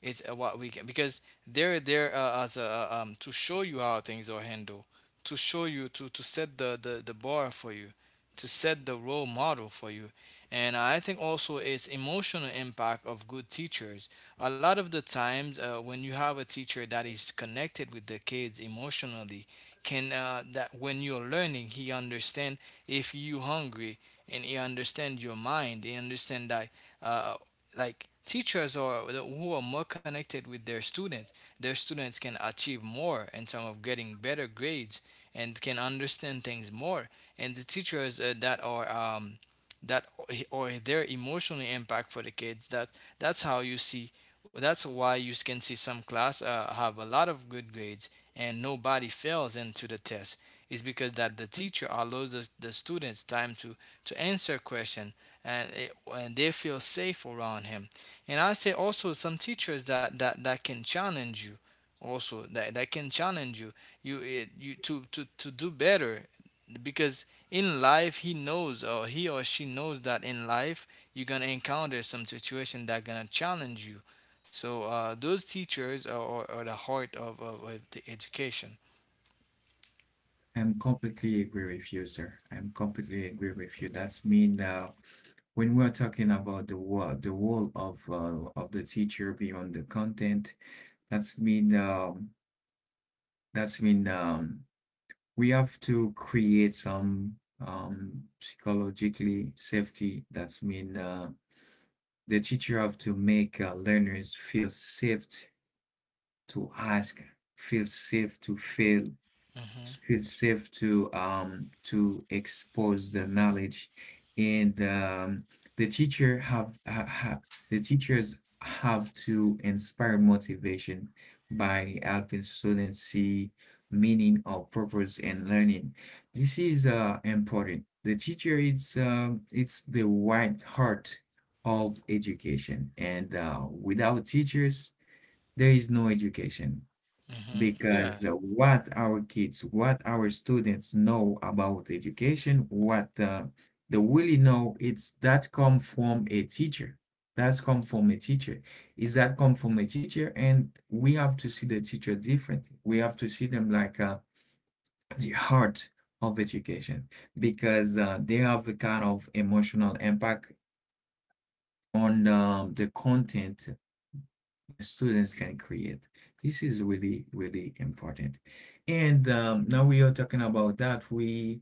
B: It's what we can, because they're there as a, to show you how things are handled, to show you to set the bar for you, to set the role model for you. And I think also it's emotional impact of good teachers. A lot of the times when you have a teacher that is connected with the kids emotionally, can that when you're learning, he understand if you hungry, and he understand your mind, he understand that uh, like teachers are, who are more connected with their students, their students can achieve more in terms of getting better grades and can understand things more. And the teachers that are that or they're emotionally impact for the kids. That, that's how you see. That's why you can see some class have a lot of good grades and nobody fails into the test. It's because that the teacher allows the students time to answer question, and it, and they feel safe around him. And I say also some teachers that can challenge you, also that, that can challenge you, you it, you to do better, because in life he knows, or he or she knows, that in life you're gonna encounter some situation that gonna challenge you. So those teachers are the heart of the education.
A: I'm completely agree with you, sir. I'm completely agree with you. That's mean when we're talking about the role of the teacher beyond the content, that's mean um, that's mean we have to create some psychologically safety. That's mean the teacher have to make learners feel safe to ask, feel safe to fail,
B: Hmm.
A: it's safe to expose the knowledge and the teacher have the teachers have to inspire motivation by helping students see meaning or purpose in learning. This is important. The teacher is it's the white heart of education, and without teachers there is no education
B: Hmm, yeah.
A: because what our kids, what our students know about education, what they really know, it's that come from a teacher. That's come from a teacher. Is that come from a teacher? And we have to see the teacher differently. We have to see them like the heart of education because they have a kind of emotional impact on the content the students can create. This is really, really important. And Now we are talking about that. We,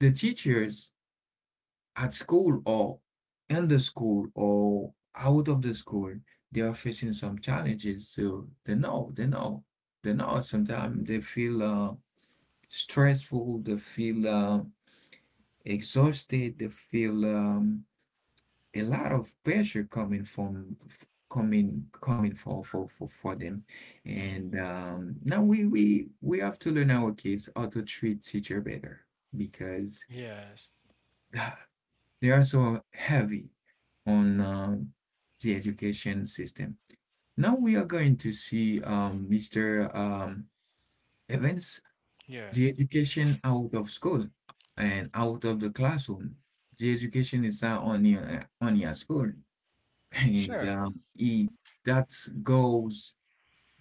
A: the teachers at school or in the school or out of the school, they are facing some challenges. So they know, they know, they know. Sometimes they feel stressful, they feel exhausted, they feel a lot of pressure coming coming for them
B: Mhm.
A: and now we have to learn our kids how to treat teacher better because
B: Yes. Yes.
A: <sighs> they are so heavy on the education system. Now we are going to see Mr. Evans, the
B: Yes.
A: education out of school and out of the classroom. The education is not only only at school, and
B: Sure.
A: he that goes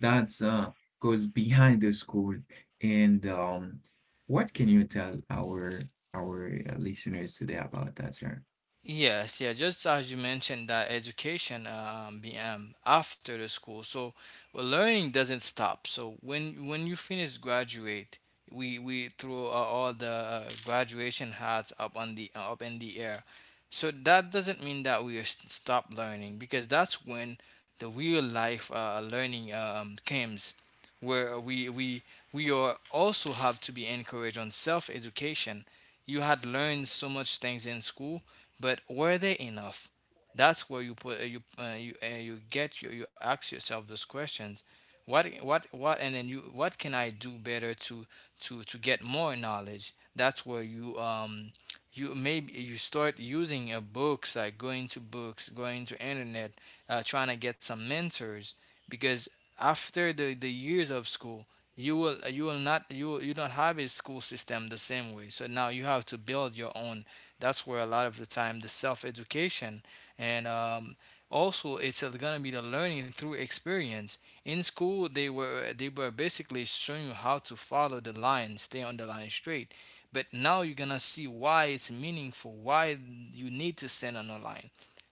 A: that goes behind the school. And What can you tell our our listeners today about that, sir?
B: Yes, yeah, just as you mentioned that education BM after the school. So well, learning doesn't stop. So when you finish graduate, we throw all the graduation hats up on the, up in the air. So that doesn't mean that we are stop learning, because that's when the real life learning comes, where we are also have to be encouraged on self education. You had learned so much things in school, but were they enough? That's where you put you get, you ask yourself those questions. What and then you, what can I do better to, to get more knowledge? That's where you you, maybe you start using books, like going to books, going to internet, trying to get some mentors, because after the years of school, you will, you will not, you will, you don't have a school system the same way, so now you have to build your own. That's where a lot of the time the self education. And also it's going to be the learning through experience. In school, they were, they were basically showing you how to follow the line, stay on the line straight. But now you're gonna see why it's meaningful, why you need to stand on the line,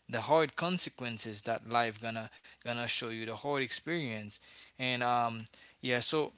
B: the hard consequences that life gonna, gonna show you, the hard experience. And yeah. So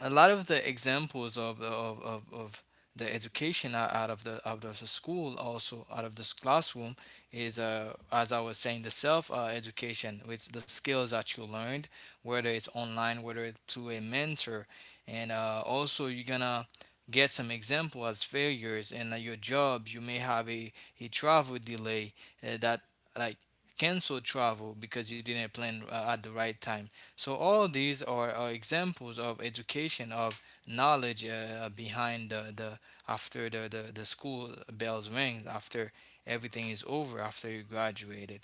B: a lot of the examples of of the education out of the, out of the school, also out of this classroom, is as I was saying, the self education, it's the skills that you learned, whether it's online, whether it's through a mentor. And also you're gonna get some example as failures in your job. You may have a travel delay that, like cancel travel because you didn't plan at the right time. So all these are examples of education, of knowledge behind the, after the, the school bells rings, after everything is over, after you graduated.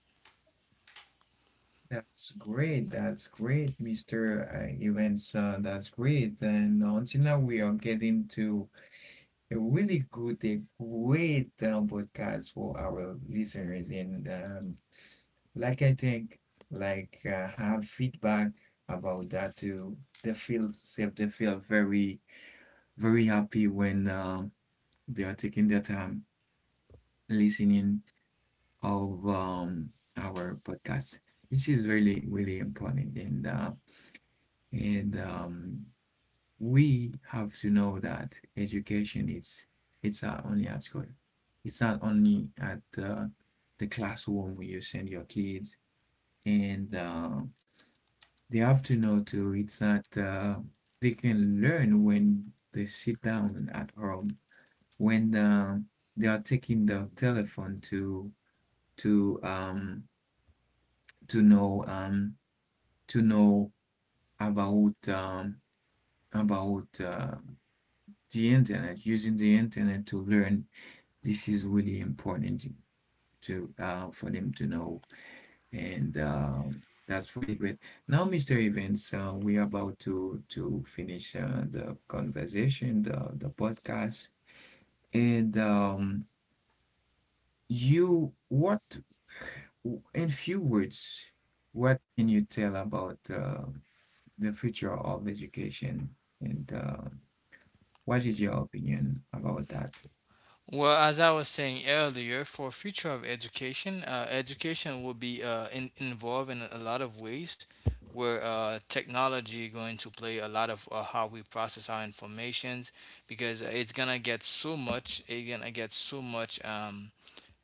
A: That's great, that's great, Mr. Evans, that's great, and until now we are getting to a really good, a great podcast for our listeners, and like I think, like have feedback about that too. They feel safe. They feel very, very happy when they are taking their time listening of our podcast. This is really, really important, and and um, we have to know that education it's not only at school. It's not only at the classroom where you send your kids and they have to know too. It's that they can learn when they sit down at home, when they are taking the telephone to to um to know um to know about um about the internet, using the internet to learn. This is really important to for them to know. And That's really great. Now, Mr. Evans, we are about to finish the conversation, the podcast. And You, what, in few words, what can you tell about the future of education? And what is your opinion about that?
B: Well, as I was saying earlier, for future of education, education will be involved in a lot of ways where technology going to play a lot of how we process our informations, because it's gonna get so much, it's gonna get so much.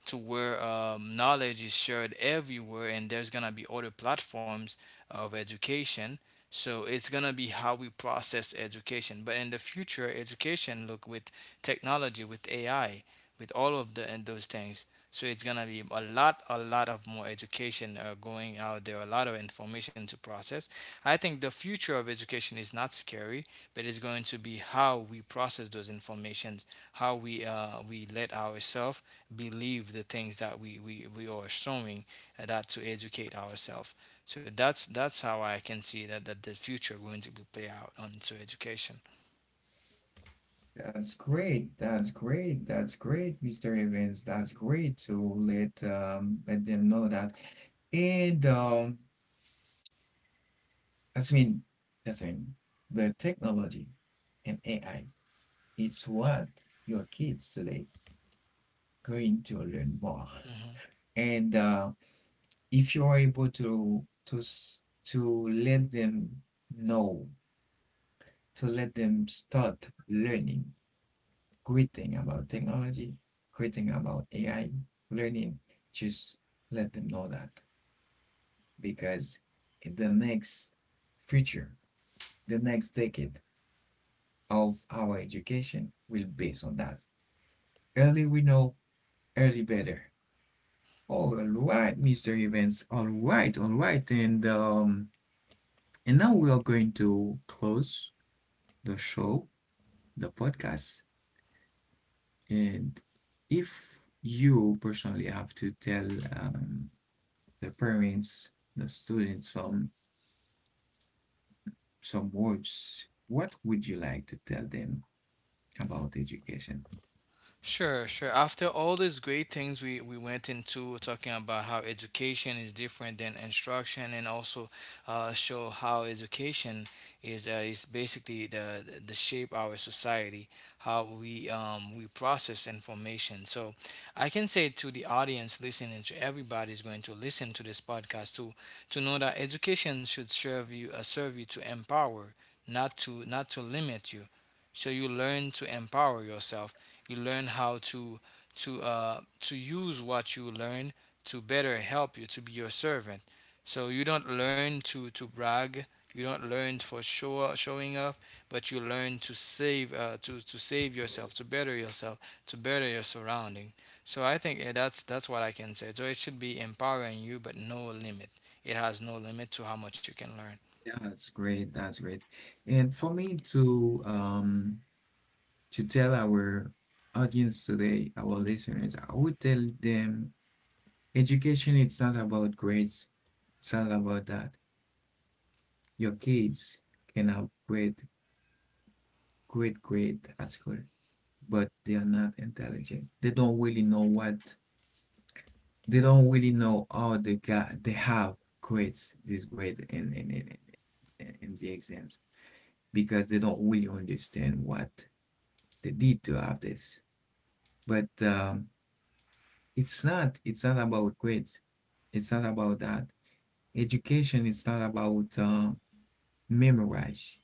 B: To where knowledge is shared everywhere, and there's going to be other platforms of education. So it's going to be how we process education, but in the future education look with technology, with AI, with all of the and those things. So it's going to be a lot, a lot of more education going out there, a lot of information to process. I think the future of education is not scary, but it's going to be how we process those informations, how we let ourselves believe the things that we are assuming, and that to educate ourselves. So that's how I can see that, that the future going to be play out on to education.
A: That's great. That's great. That's great, Mr. Evans. That's great to let let them know that. And that's mean that's mean the technology and AI, it's what your kids today going to learn more.
B: Hmm.
A: And if you are able to to s- to let them know, to let them start learning great thing about technology, great thing about AI learning, just let them know that because in the next future, the next decade of our education will based on that. Early we know, early better. All right, Mr. Evans. All right, all right. And now we are going to close the show, the podcast. And if you personally have to tell um the parents, the students, some words. What would you like to tell them about education?
B: Sure, sure. After all these great things we went into talking about how education is different than instruction, and also show how education is basically the shape our society, how we process information. So I can say to the audience listening, to everybody is going to listen to this podcast, to know that education should serve you to empower, not to, not to limit you. So you learn to empower yourself, you learn how to, to use what you learn to better help you, to be your servant. So you don't learn to brag. You don't learn for show, showing up, but you learn to save to save yourself, to better your surrounding. So I think that's what I can say. So it should be empowering you, but no limit. It has no limit to how much you can learn.
A: Yeah, that's great. That's great. And for me to tell our audience today, our listeners, I would tell them education it's not about grades. It's not about that. Your kids can have great, great grade at school, but they are not intelligent. They don't really know what they don't really know. Oh they got, they have grades, this grade in the exams because they don't really understand what they did to have this, but it's not, it's not about grades, it's not about that. Education it's not about memorize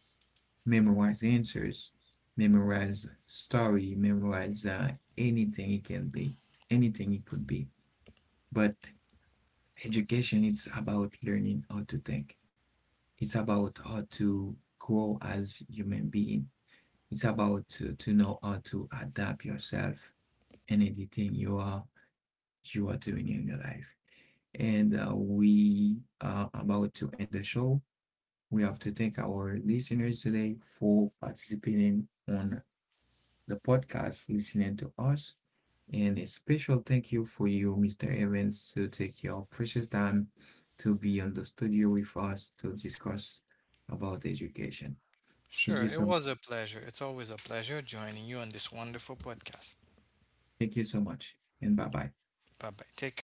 A: memorize answers, memorize story, memorize anything it can be, anything it could be, but education it's about learning how to think. It's about how to grow as human being. It's about to know how to adapt yourself and anything you are doing in your life. And we are about to end the show. We have to thank our listeners today for participating on the podcast, listening to us. And a special thank you for you, Mr. Evans, to take your precious time to be on the studio with us to discuss about education. Thank
B: Sure,
A: you
B: it
A: so
B: was a pleasure. It's always a pleasure joining you on this wonderful podcast.
A: Thank you so much and bye bye.
B: Bye bye. Take care.